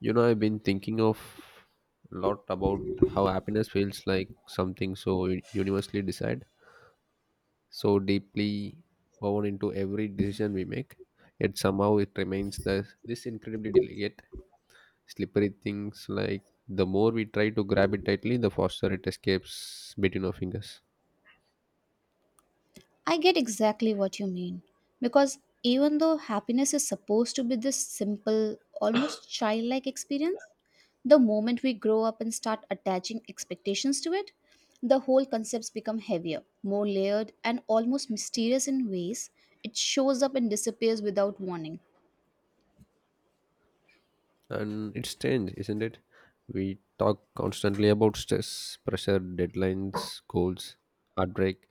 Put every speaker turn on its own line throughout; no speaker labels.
You know, I've been thinking of a lot about how happiness feels like something so universally decided, so deeply woven into every decision we make. Yet somehow it remains this incredibly delicate, slippery things like the more we try to grab it tightly, the faster it escapes between our fingers.
I get exactly what you mean. Because even though happiness is supposed to be this simple, almost childlike experience, the moment we grow up and start attaching expectations to it, the whole concepts become heavier, more layered, and almost mysterious in ways it shows up and disappears without warning.
And it's strange, isn't it? We talk constantly about stress, pressure, deadlines, goals, heartbreak,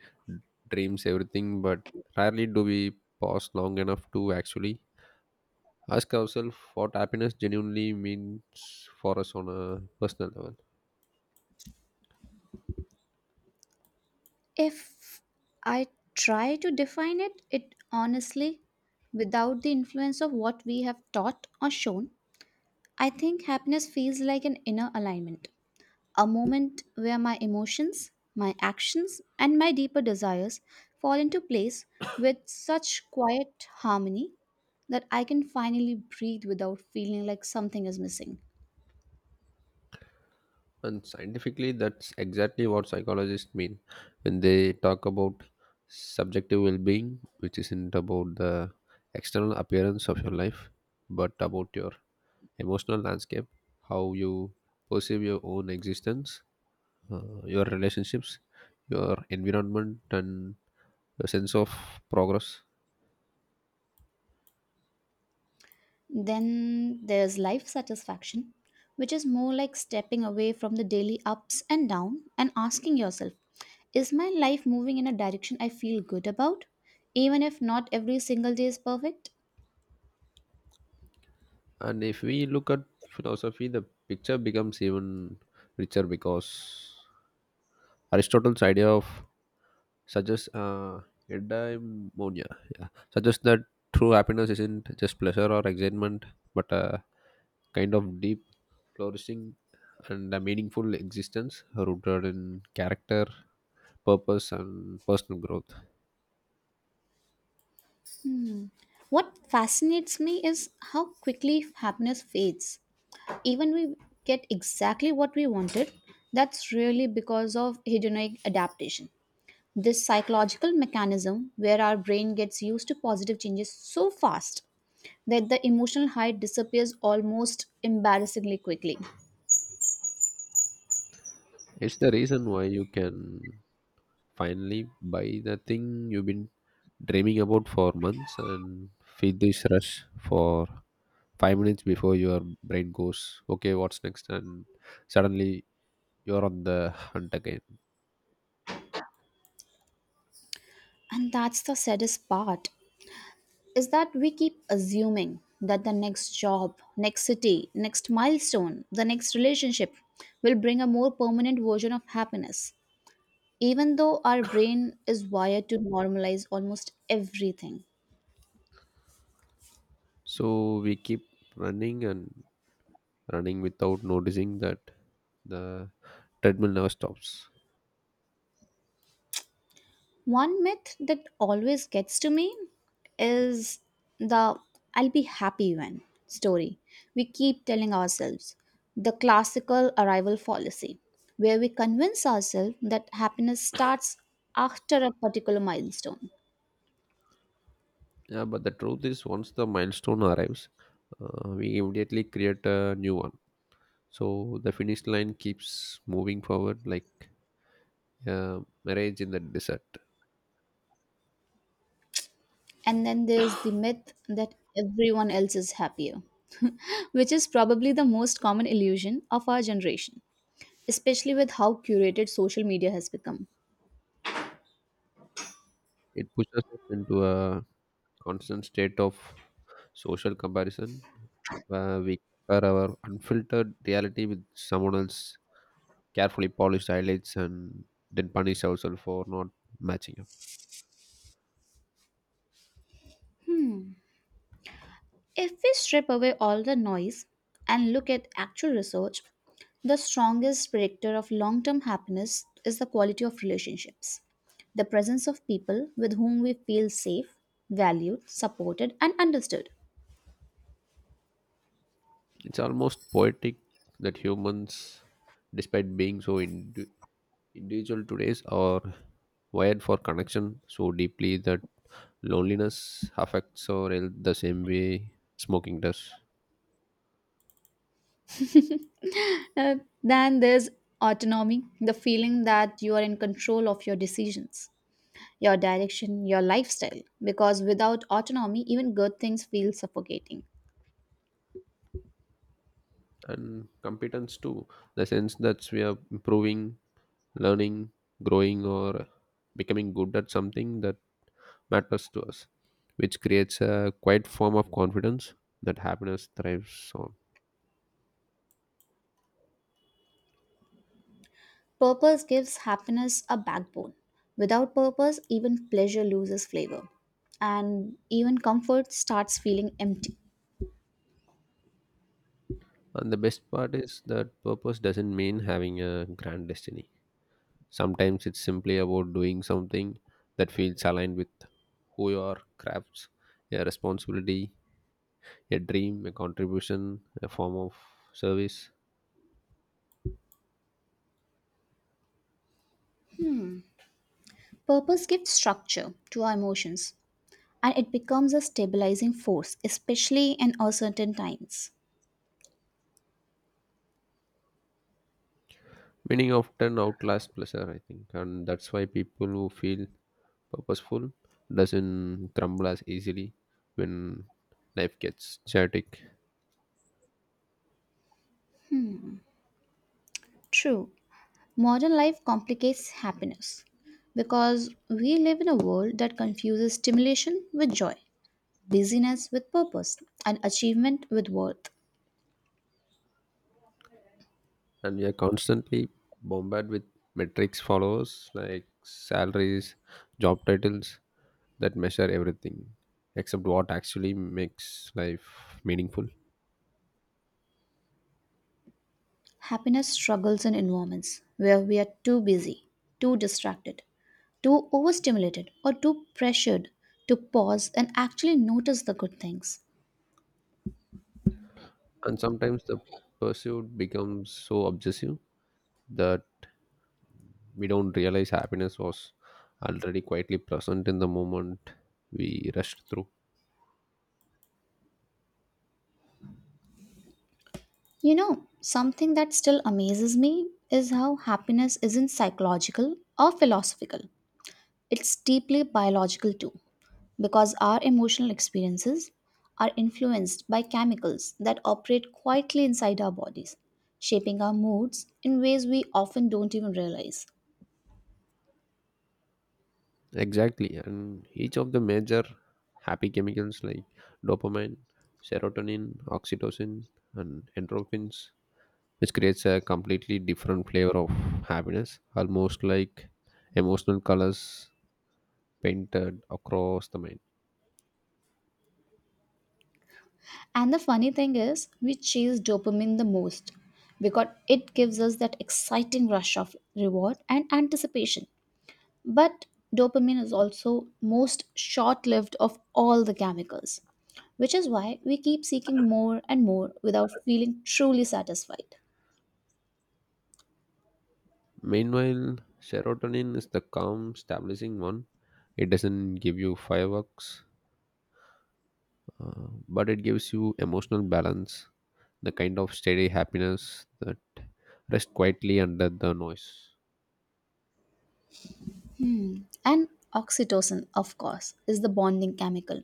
dreams, everything, but rarely do we pause long enough to actually ask ourselves what happiness genuinely means for us on a personal level.
If I try to define it, it honestly, without the influence of what we have taught or shown, I think happiness feels like an inner alignment a moment where my emotions, my actions, and my deeper desires fall into place with such quiet harmony that I can finally breathe without feeling like something is missing.
And scientifically, that's exactly what psychologists mean when they talk about subjective well being, which isn't about the external appearance of your life, but about your emotional landscape, how you perceive your own existence, your relationships, your environment, and your sense of progress.
Then there's life satisfaction, which is more like stepping away from the daily ups and downs and asking yourself, is my life moving in a direction I feel good about? Even if not every single day is perfect?
And if we look at philosophy, the picture becomes even richer because Aristotle's idea of suggests eudaimonia yeah, suggests that true happiness isn't just pleasure or excitement, but a kind of deep, flourishing, and a meaningful existence rooted in character, purpose and personal growth.
What fascinates me is how quickly happiness fades even we get exactly what we wanted, that's really because of hedonic adaptation. This psychological mechanism where our brain gets used to positive changes so fast that the emotional high disappears almost embarrassingly quickly.
It's the reason why you can finally buy the thing you've been dreaming about for months and feel this rush for 5 minutes before your brain goes, okay, what's next? And suddenly you're on the hunt again.
And that's the saddest part is that we keep assuming that the next job, next city, next milestone, the next relationship will bring a more permanent version of happiness. Even though our brain is wired to normalize almost everything.
So we keep running and running without noticing that the treadmill never stops.
One myth that always gets to me is the I'll be happy when story we keep telling ourselves, the classical arrival fallacy, where we convince ourselves that happiness starts after a particular milestone.
Yeah, but the truth is, once the milestone arrives, we immediately create a new one. So the finish line keeps moving forward like a marriage in the desert.
And then there's the myth that everyone else is happier, which is probably the most common illusion of our generation, especially with how curated social media has become.
It pushes us into a constant state of social comparison where we compare our unfiltered reality with someone else's carefully polished highlights and then punish ourselves for not matching up.
If we strip away all the noise and look at actual research, the strongest predictor of long term happiness is the quality of relationships. The presence of people with whom we feel safe, valued, supported, and understood.
It's almost poetic that humans, despite being so individual today, are wired for connection so deeply that loneliness affects our health the same way smoking does,
Uh, then there's autonomy, the feeling that you are in control of your decisions, your direction, your lifestyle. Because without autonomy, even good things feel suffocating.
and competence too. The sense that we are improving, learning, growing, or becoming good at something that matters to us, which creates a quiet form of confidence that happiness thrives on.
Purpose gives happiness a backbone. Without purpose, even pleasure loses flavor, and even comfort starts feeling empty.
And the best part is that purpose doesn't mean having a grand destiny. Sometimes it's simply about doing something that feels aligned with who you are, crafts, a responsibility, a dream, a contribution, a form of service.
Purpose gives structure to our emotions, and it becomes a stabilizing force, especially in uncertain times.
Meaning often outlasts pleasure, I think, and that's why people who feel purposeful doesn't crumble as easily when life gets chaotic.
True, modern life complicates happiness because we live in a world that confuses stimulation with joy, busyness with purpose, and achievement with worth.
And we are constantly bombarded with metrics followers like salaries, job titles that measure everything except what actually makes life meaningful.
Happiness struggles in environments where we are too busy, too distracted, too overstimulated, or too pressured to pause and actually notice the good things.
And sometimes the pursuit becomes so obsessive that we don't realize happiness was already quietly present in the moment we rushed through.
You know, something that still amazes me is how happiness isn't psychological or philosophical, it's deeply biological too, because our emotional experiences are influenced by chemicals that operate quietly inside our bodies, shaping our moods in ways we often don't even realize.
Exactly. And each of the major happy chemicals like dopamine, serotonin, oxytocin, and endorphins, which creates a completely different flavor of happiness, almost like emotional colors painted across the mind.
And the funny thing is, we chase dopamine the most because it gives us that exciting rush of reward and anticipation. But dopamine is also most short-lived of all the chemicals, which is why we keep seeking more and more without feeling truly satisfied.
Meanwhile, serotonin is the calm, stabilizing one. It doesn't give you fireworks but it gives you emotional balance, the kind of steady happiness that rests quietly under the noise.
And oxytocin, of course, is the bonding chemical,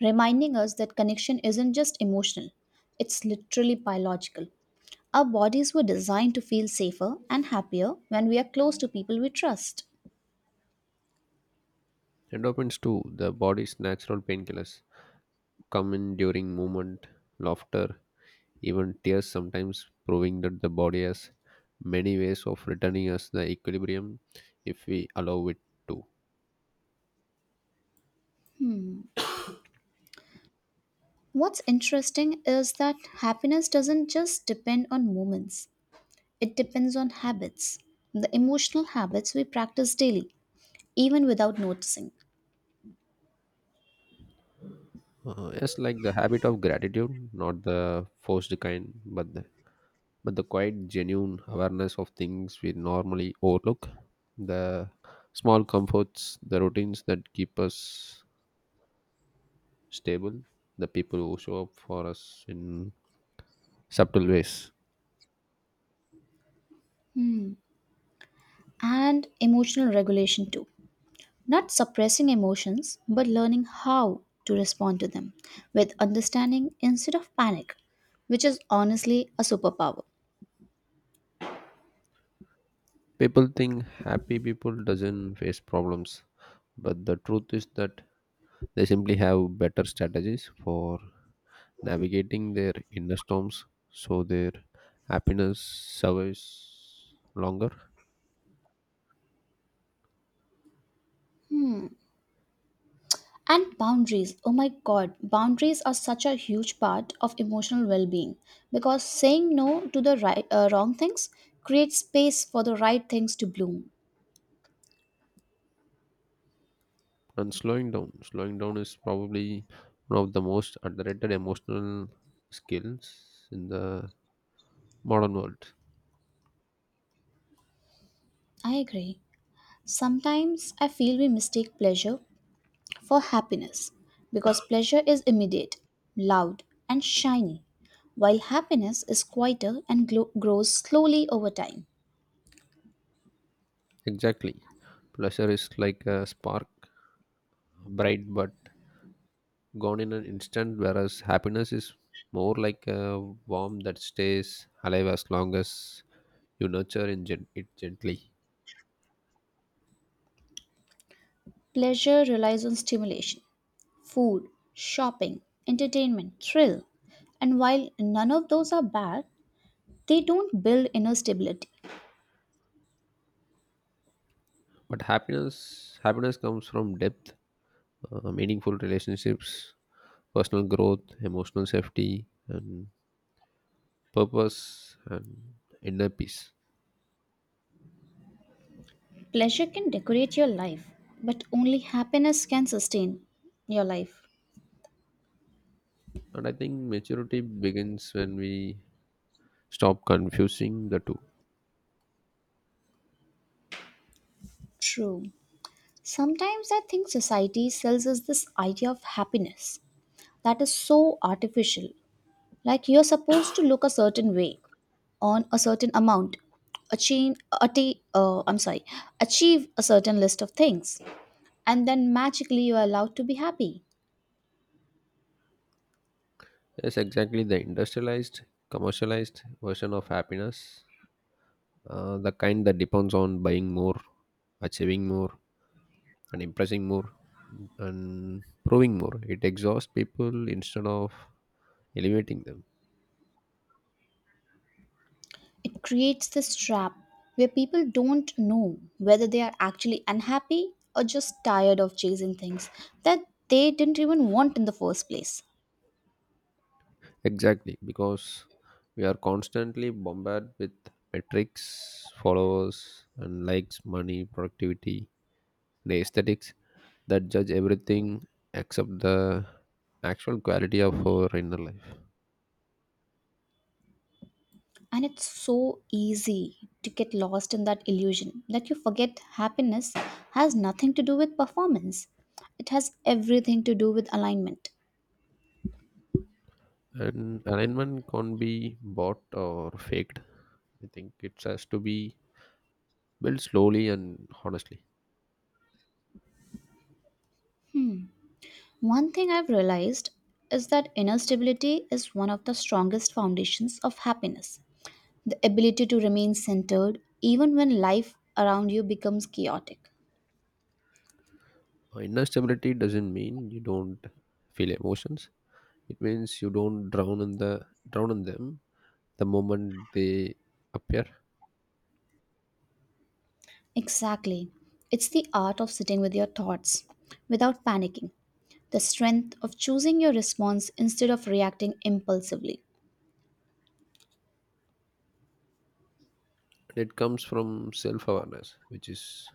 reminding us that connection isn't just emotional, it's literally biological. Our bodies were designed to feel safer and happier when we are close to people we trust.
Endorphins too, the body's natural painkillers, come in during movement, laughter, even tears sometimes proving that the body has many ways of returning us the equilibrium if we allow it to.
What's interesting is that happiness doesn't just depend on moments, it depends on habits, the emotional habits we practice daily, even without noticing,
Yes, like the habit of gratitude, not the forced kind, but the quiet, genuine awareness of things we normally overlook, the small comforts, the routines that keep us stable, the people who show up for us in subtle ways.
and emotional regulation too. Not suppressing emotions, but learning how to respond to them with understanding instead of panic, which is honestly a superpower.
People think happy people doesn't face problems, but the truth is that they simply have better strategies for navigating their inner storms so their happiness survives longer.
And boundaries, oh my god, boundaries are such a huge part of emotional well being because saying no to the right, wrong things creates space for the right things to bloom.
And slowing down is probably one of the most underrated emotional skills in the modern world.
I agree. Sometimes I feel we mistake pleasure for happiness because pleasure is immediate, loud, and shiny, while happiness is quieter and grows slowly over time.
Exactly, pleasure is like a spark, bright but gone in an instant, whereas happiness is more like a worm that stays alive as long as you nurture it gently.
Pleasure relies on stimulation, food, shopping, entertainment, thrill, and while none of those are bad, they don't build inner stability.
But happiness comes from depth, meaningful relationships, personal growth, emotional safety and purpose and inner peace.
Pleasure can decorate your life, but only happiness can sustain your life.
And I think maturity begins when we stop confusing the two.
True. Sometimes I think society sells us this idea of happiness that is so artificial. Like you're supposed to look a certain way, on a certain amount, achieve, I'm sorry, achieve a certain list of things, and then magically you are allowed to be happy.
Yes, exactly, the industrialized, commercialized version of happiness, the kind that depends on buying more, achieving more, and impressing more, and proving more. It exhausts people instead of elevating them.
It creates this trap where people don't know whether they are actually unhappy or just tired of chasing things that they didn't even want in the first place.
Exactly, because we are constantly bombarded with metrics, followers, and likes, money, productivity, the aesthetics that judge everything except the actual quality of our inner life.
And it's so easy to get lost in that illusion that you forget happiness has nothing to do with performance. It has everything to do with alignment.
And alignment can't be bought or faked. I think it has to be built slowly and honestly.
One thing I've realized is that inner stability is one of the strongest foundations of happiness. The ability to remain centered even when life around you becomes chaotic.
Inner stability doesn't mean you don't feel emotions. It means you don't drown in them the moment they appear.
Exactly. It's the art of sitting with your thoughts without panicking, the strength of choosing your response instead of reacting impulsively.
And it comes from self awareness, which is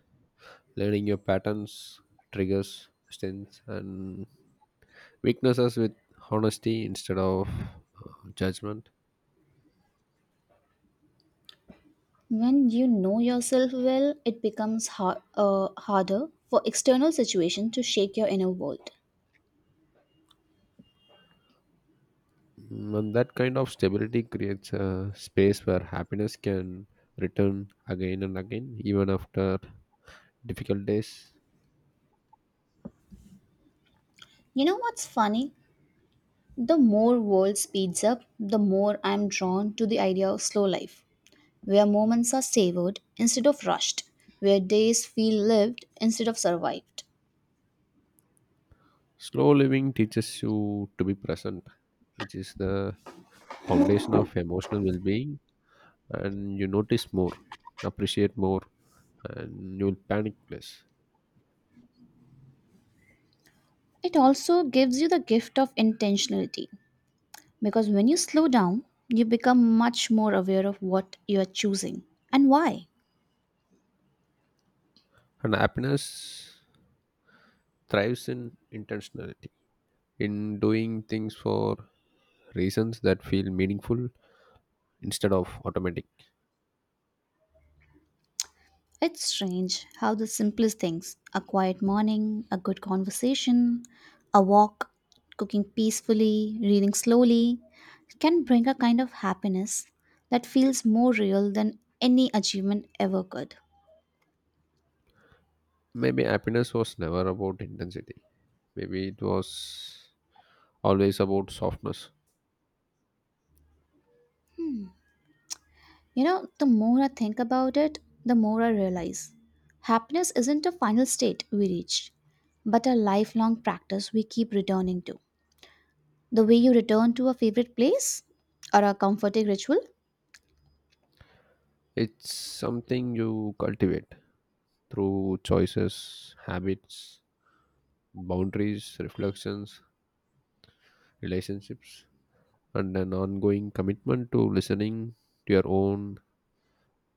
learning your patterns, triggers, strengths, and weaknesses with honesty instead of judgment.
When you know yourself well, it becomes harder for external situation to shake your inner world.
Mm, and that kind of stability creates a space where happiness can return again and again, even after difficult days.
You know what's funny? The more world speeds up, the more I'm drawn to the idea of slow life, where moments are savored instead of rushed, where days feel lived instead of survived.
Slow living teaches you to be present, which is the foundation of emotional well being, and you notice more, appreciate more, and you will panic less.
It also gives you the gift of intentionality because when you slow down, you become much more aware of what you are choosing and why.
And happiness thrives in intentionality, in doing things for reasons that feel meaningful instead of automatic.
It's strange how the simplest things a quiet morning, a good conversation, a walk, cooking peacefully, reading slowly can bring a kind of happiness that feels more real than any achievement ever could.
Maybe happiness was never about intensity. Maybe it was always about softness.
You know, the more I think about it, the more I realize happiness isn't a final state we reach, but a lifelong practice we keep returning to. The way you return to a favorite place or a comforting ritual,
It's something you cultivate through choices, habits, boundaries, reflections, relationships, and an ongoing commitment to listening to your own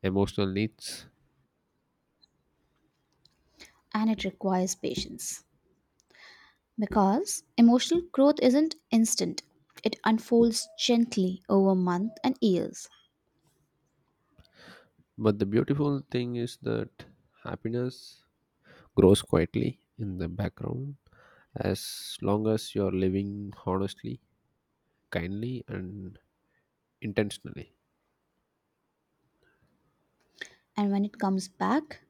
emotional needs.
and it requires patience. Because emotional growth isn't instant, it unfolds gently over months and years.
But the beautiful thing is that happiness grows quietly in the background as long as you're living honestly, kindly, and intentionally.
And when it comes back,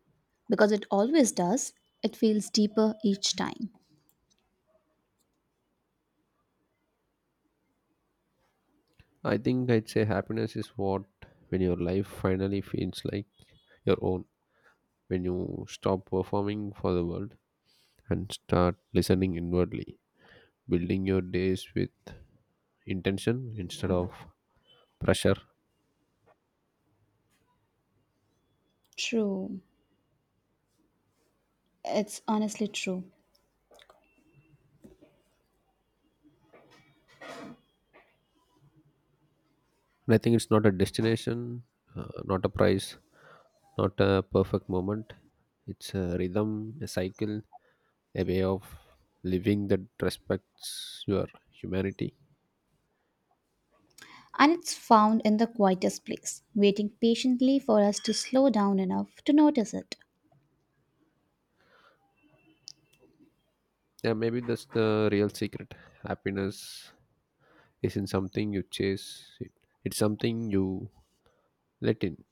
because it always does, it feels deeper each time.
I think I'd say happiness is what when your life finally feels like your own, when you stop performing for the world and start listening inwardly, building your days with intention instead of pressure.
True. It's honestly true.
And I think it's not a destination, not a price, not a perfect moment. It's a rhythm, a cycle, a way of living that respects your humanity.
And it's found in the quietest place, waiting patiently for us to slow down enough to notice it.
Yeah, maybe that's the real secret. Happiness isn't something you chase, it's something you let in.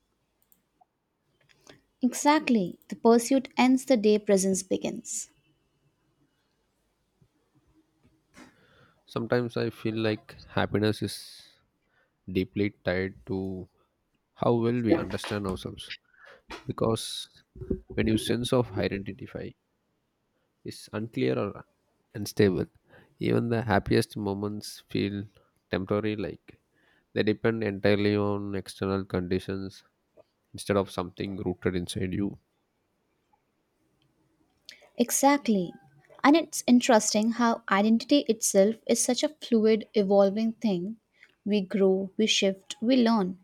Exactly, the pursuit ends the day presence begins.
Sometimes I feel like happiness is deeply tied to how well we understand ourselves. Because when your sense of identity is unclear or unstable, even the happiest moments feel temporary like they depend entirely on external conditions instead of something rooted inside you.
Exactly. And it's interesting how identity itself is such a fluid, evolving thing. We grow, we shift, we learn,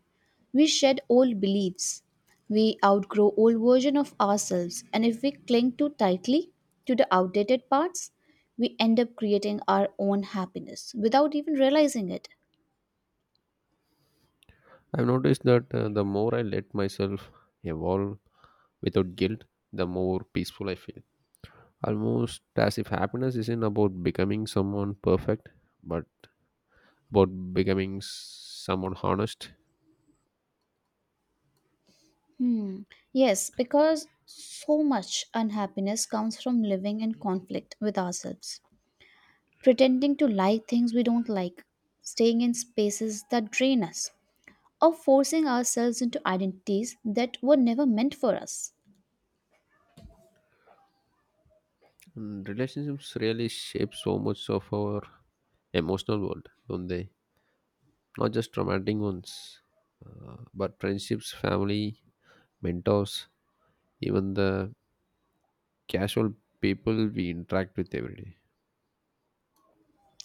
we shed old beliefs, we outgrow old version of ourselves, and if we cling too tightly to the outdated parts, we end up creating our own happiness without even realizing it.
I've noticed that the more I let myself evolve without guilt, the more peaceful I feel. Almost as if happiness isn't about becoming someone perfect, but about becoming someone honest.
Hmm. Yes, because so much unhappiness comes from living in conflict with ourselves, pretending to like things we don't like, staying in spaces that drain us, or forcing ourselves into identities that were never meant for us.
And relationships really shape so much of our emotional world, don't they? Not just romantic ones, but friendships, family, mentors, even the casual people we interact with every day.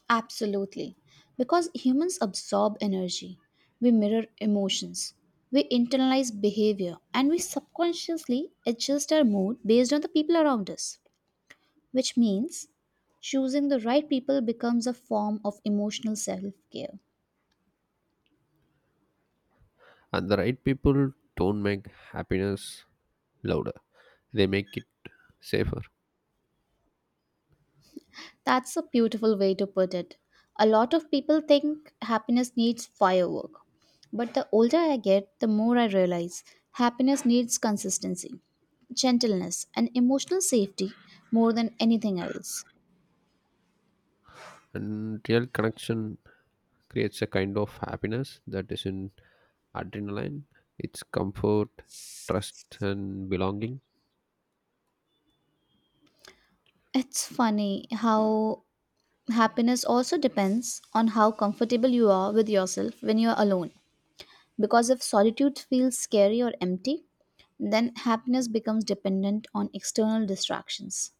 Absolutely. Because humans absorb energy, we mirror emotions, we internalize behavior, and we subconsciously adjust our mood based on the people around us. Which means choosing the right people becomes a form of emotional self care.
And the right people don't make happiness louder, they make it safer.
That's a beautiful way to put it. A lot of people think happiness needs firework. But the older I get, the more I realize happiness needs consistency, gentleness, and emotional safety more than anything else.
And real connection creates a kind of happiness that isn't adrenaline, it's comfort, trust, and belonging.
It's funny how happiness also depends on how comfortable you are with yourself when you're alone. Because if solitude feels scary or empty, then happiness becomes dependent on external distractions.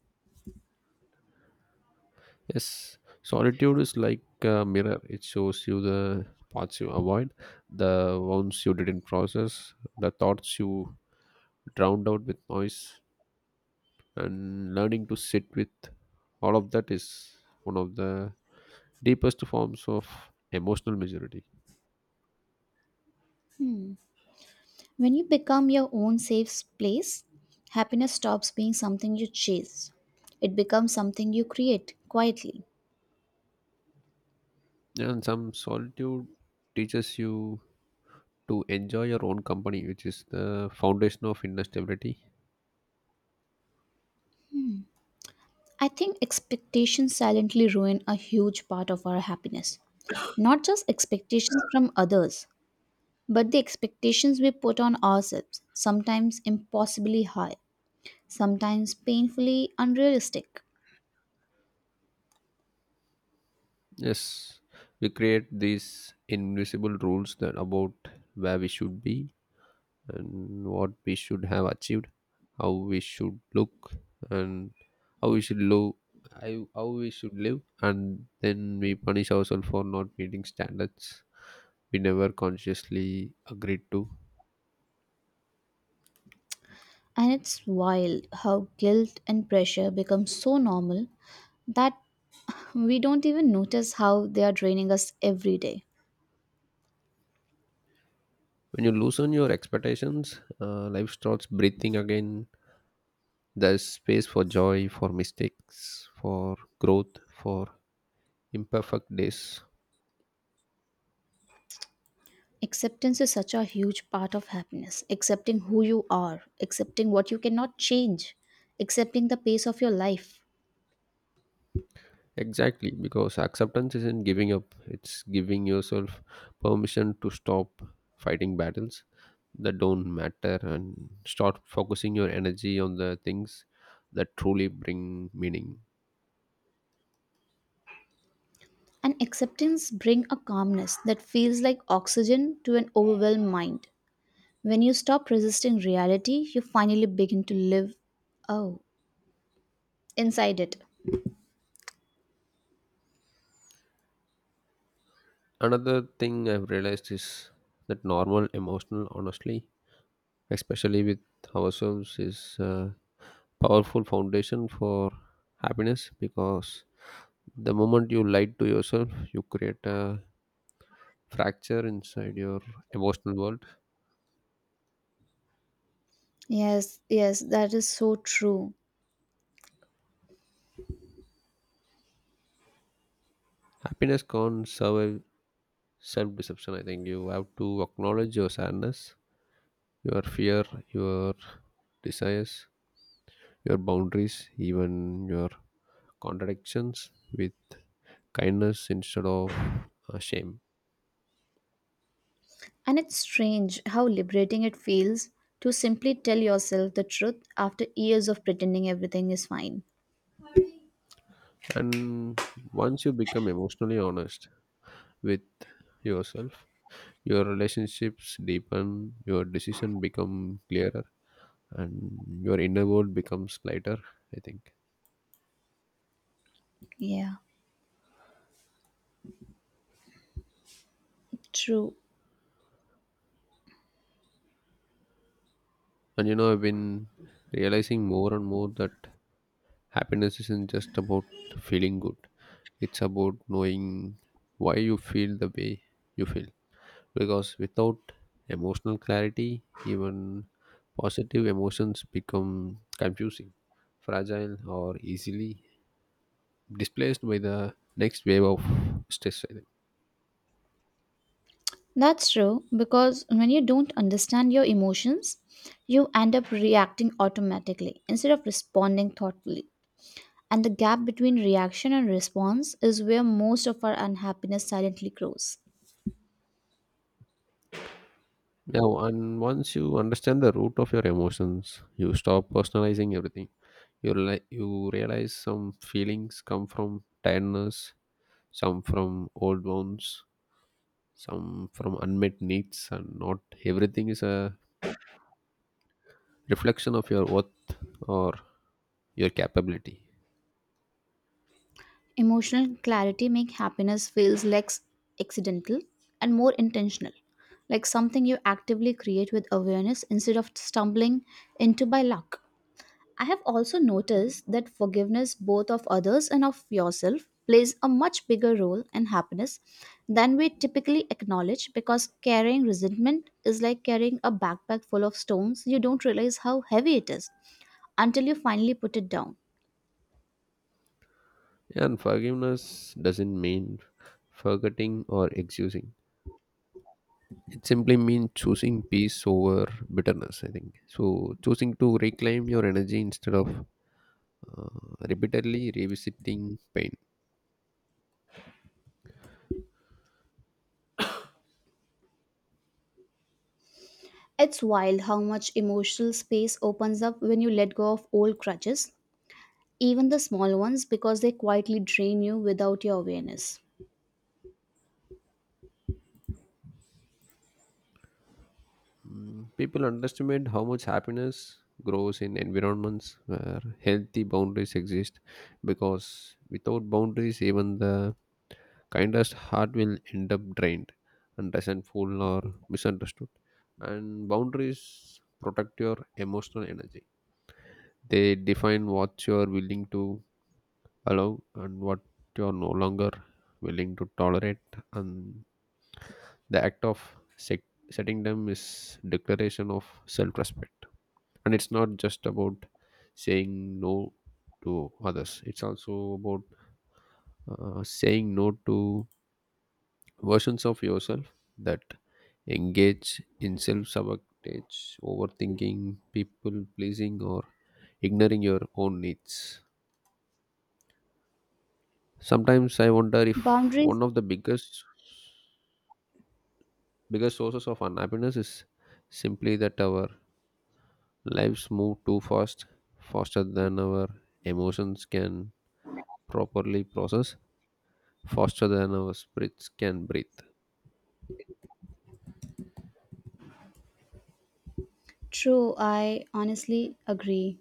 Yes, solitude is like a mirror, it shows you the parts you avoid, the ones you didn't process, the thoughts you drowned out with noise, and learning to sit with all of that is one of the deepest forms of emotional maturity.
When you become your own safe place, happiness stops being something you chase. It becomes something you create quietly.
And some solitude teaches you to enjoy your own company, which is the foundation of inner stability.
I think expectations silently ruin a huge part of our happiness. Not just expectations from others, but the expectations we put on ourselves, sometimes impossibly high, sometimes painfully unrealistic.
Yes, we create these invisible rules that about where we should be and what we should have achieved, how we should look, and how we should live. How we should live, and then we punish ourselves for not meeting standards we never consciously agreed to.
And it's wild how guilt and pressure become so normal that we don't even notice how they are draining us every day.
When you loosen your expectations, life starts breathing again. There's space for joy, for mistakes, for growth, for imperfect days.
Acceptance is such a huge part of happiness. Accepting who you are, accepting what you cannot change, accepting the pace of your life.
Exactly, because acceptance isn't giving up, it's giving yourself permission to stop fighting battles that don't matter and start focusing your energy on the things that truly bring meaning.
And acceptance bring a calmness that feels like oxygen to an overwhelmed mind. When you stop resisting reality, you finally begin to live oh, inside it.
Another thing I've realized is that normal emotional honestly especially with ourselves, is a powerful foundation for happiness because the moment you lie to yourself, you create a fracture inside your emotional world.
Yes, yes, that is so true.
Happiness can't survive self deception. I think you have to acknowledge your sadness, your fear, your desires, your boundaries, even your contradictions with kindness instead of shame.
And it's strange how liberating it feels to simply tell yourself the truth after years of pretending everything is fine.
And once you become emotionally honest, with yourself. Your relationships deepen, your decision become clearer, and your inner world becomes lighter, I think.
Yeah, true.
And you know, I've been realizing more and more that happiness isn't just about feeling good, it's about knowing why you feel the way you feel. Because without emotional clarity, even positive emotions become confusing, fragile, or easily displaced by the next wave of stress, I think.
That's true because when you don't understand your emotions, you end up reacting automatically instead of responding thoughtfully. And the gap between reaction and response is where most of our unhappiness silently grows.
Now and once you understand the root of your emotions you stop personalizing everything, you realize some feelings come from tiredness, some from old wounds, some from unmet needs, and not everything is a reflection of your worth or your capability.
Emotional clarity makes happiness feels less accidental and more intentional, like something you actively create with awareness instead of stumbling into by luck. I have also noticed that forgiveness, both of others and of yourself, plays a much bigger role in happiness than we typically acknowledge because carrying resentment is like carrying a backpack full of stones. You don't realize how heavy it is until you finally put it down.
And forgiveness doesn't mean forgetting or excusing. It simply means choosing peace over bitterness, I think. So, choosing to reclaim your energy instead of uh, repeatedly revisiting pain.
It's wild how much emotional space opens up when you let go of old crutches, even the small ones, because they quietly drain you without your awareness.
Mm, people underestimate how much happiness grows in environments where healthy boundaries exist because without boundaries, even the kindest heart will end up drained and resentful or misunderstood. And boundaries protect your emotional energy, they define what you are willing to allow and what you are no longer willing to tolerate, and the act of set- setting them is declaration of self-respect, and it's not just about saying no to others, it's also about saying no to versions of yourself that engage in self-sabotage, overthinking, people pleasing or ignoring your own needs. Sometimes I wonder if
Boundaries,
one of the biggest sources of unhappiness is simply that our lives move too fast, faster than our emotions can properly process, faster than our spirits can breathe.
true, I honestly agree.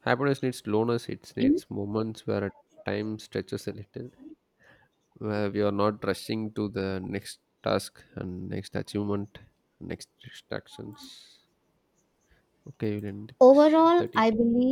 Happiness needs slowness, it
In-
needs moments where time stretches a little, where we are not rushing to the next task and next achievement, next distractions. Okay, we'll end it
Overall,
30.
I believe.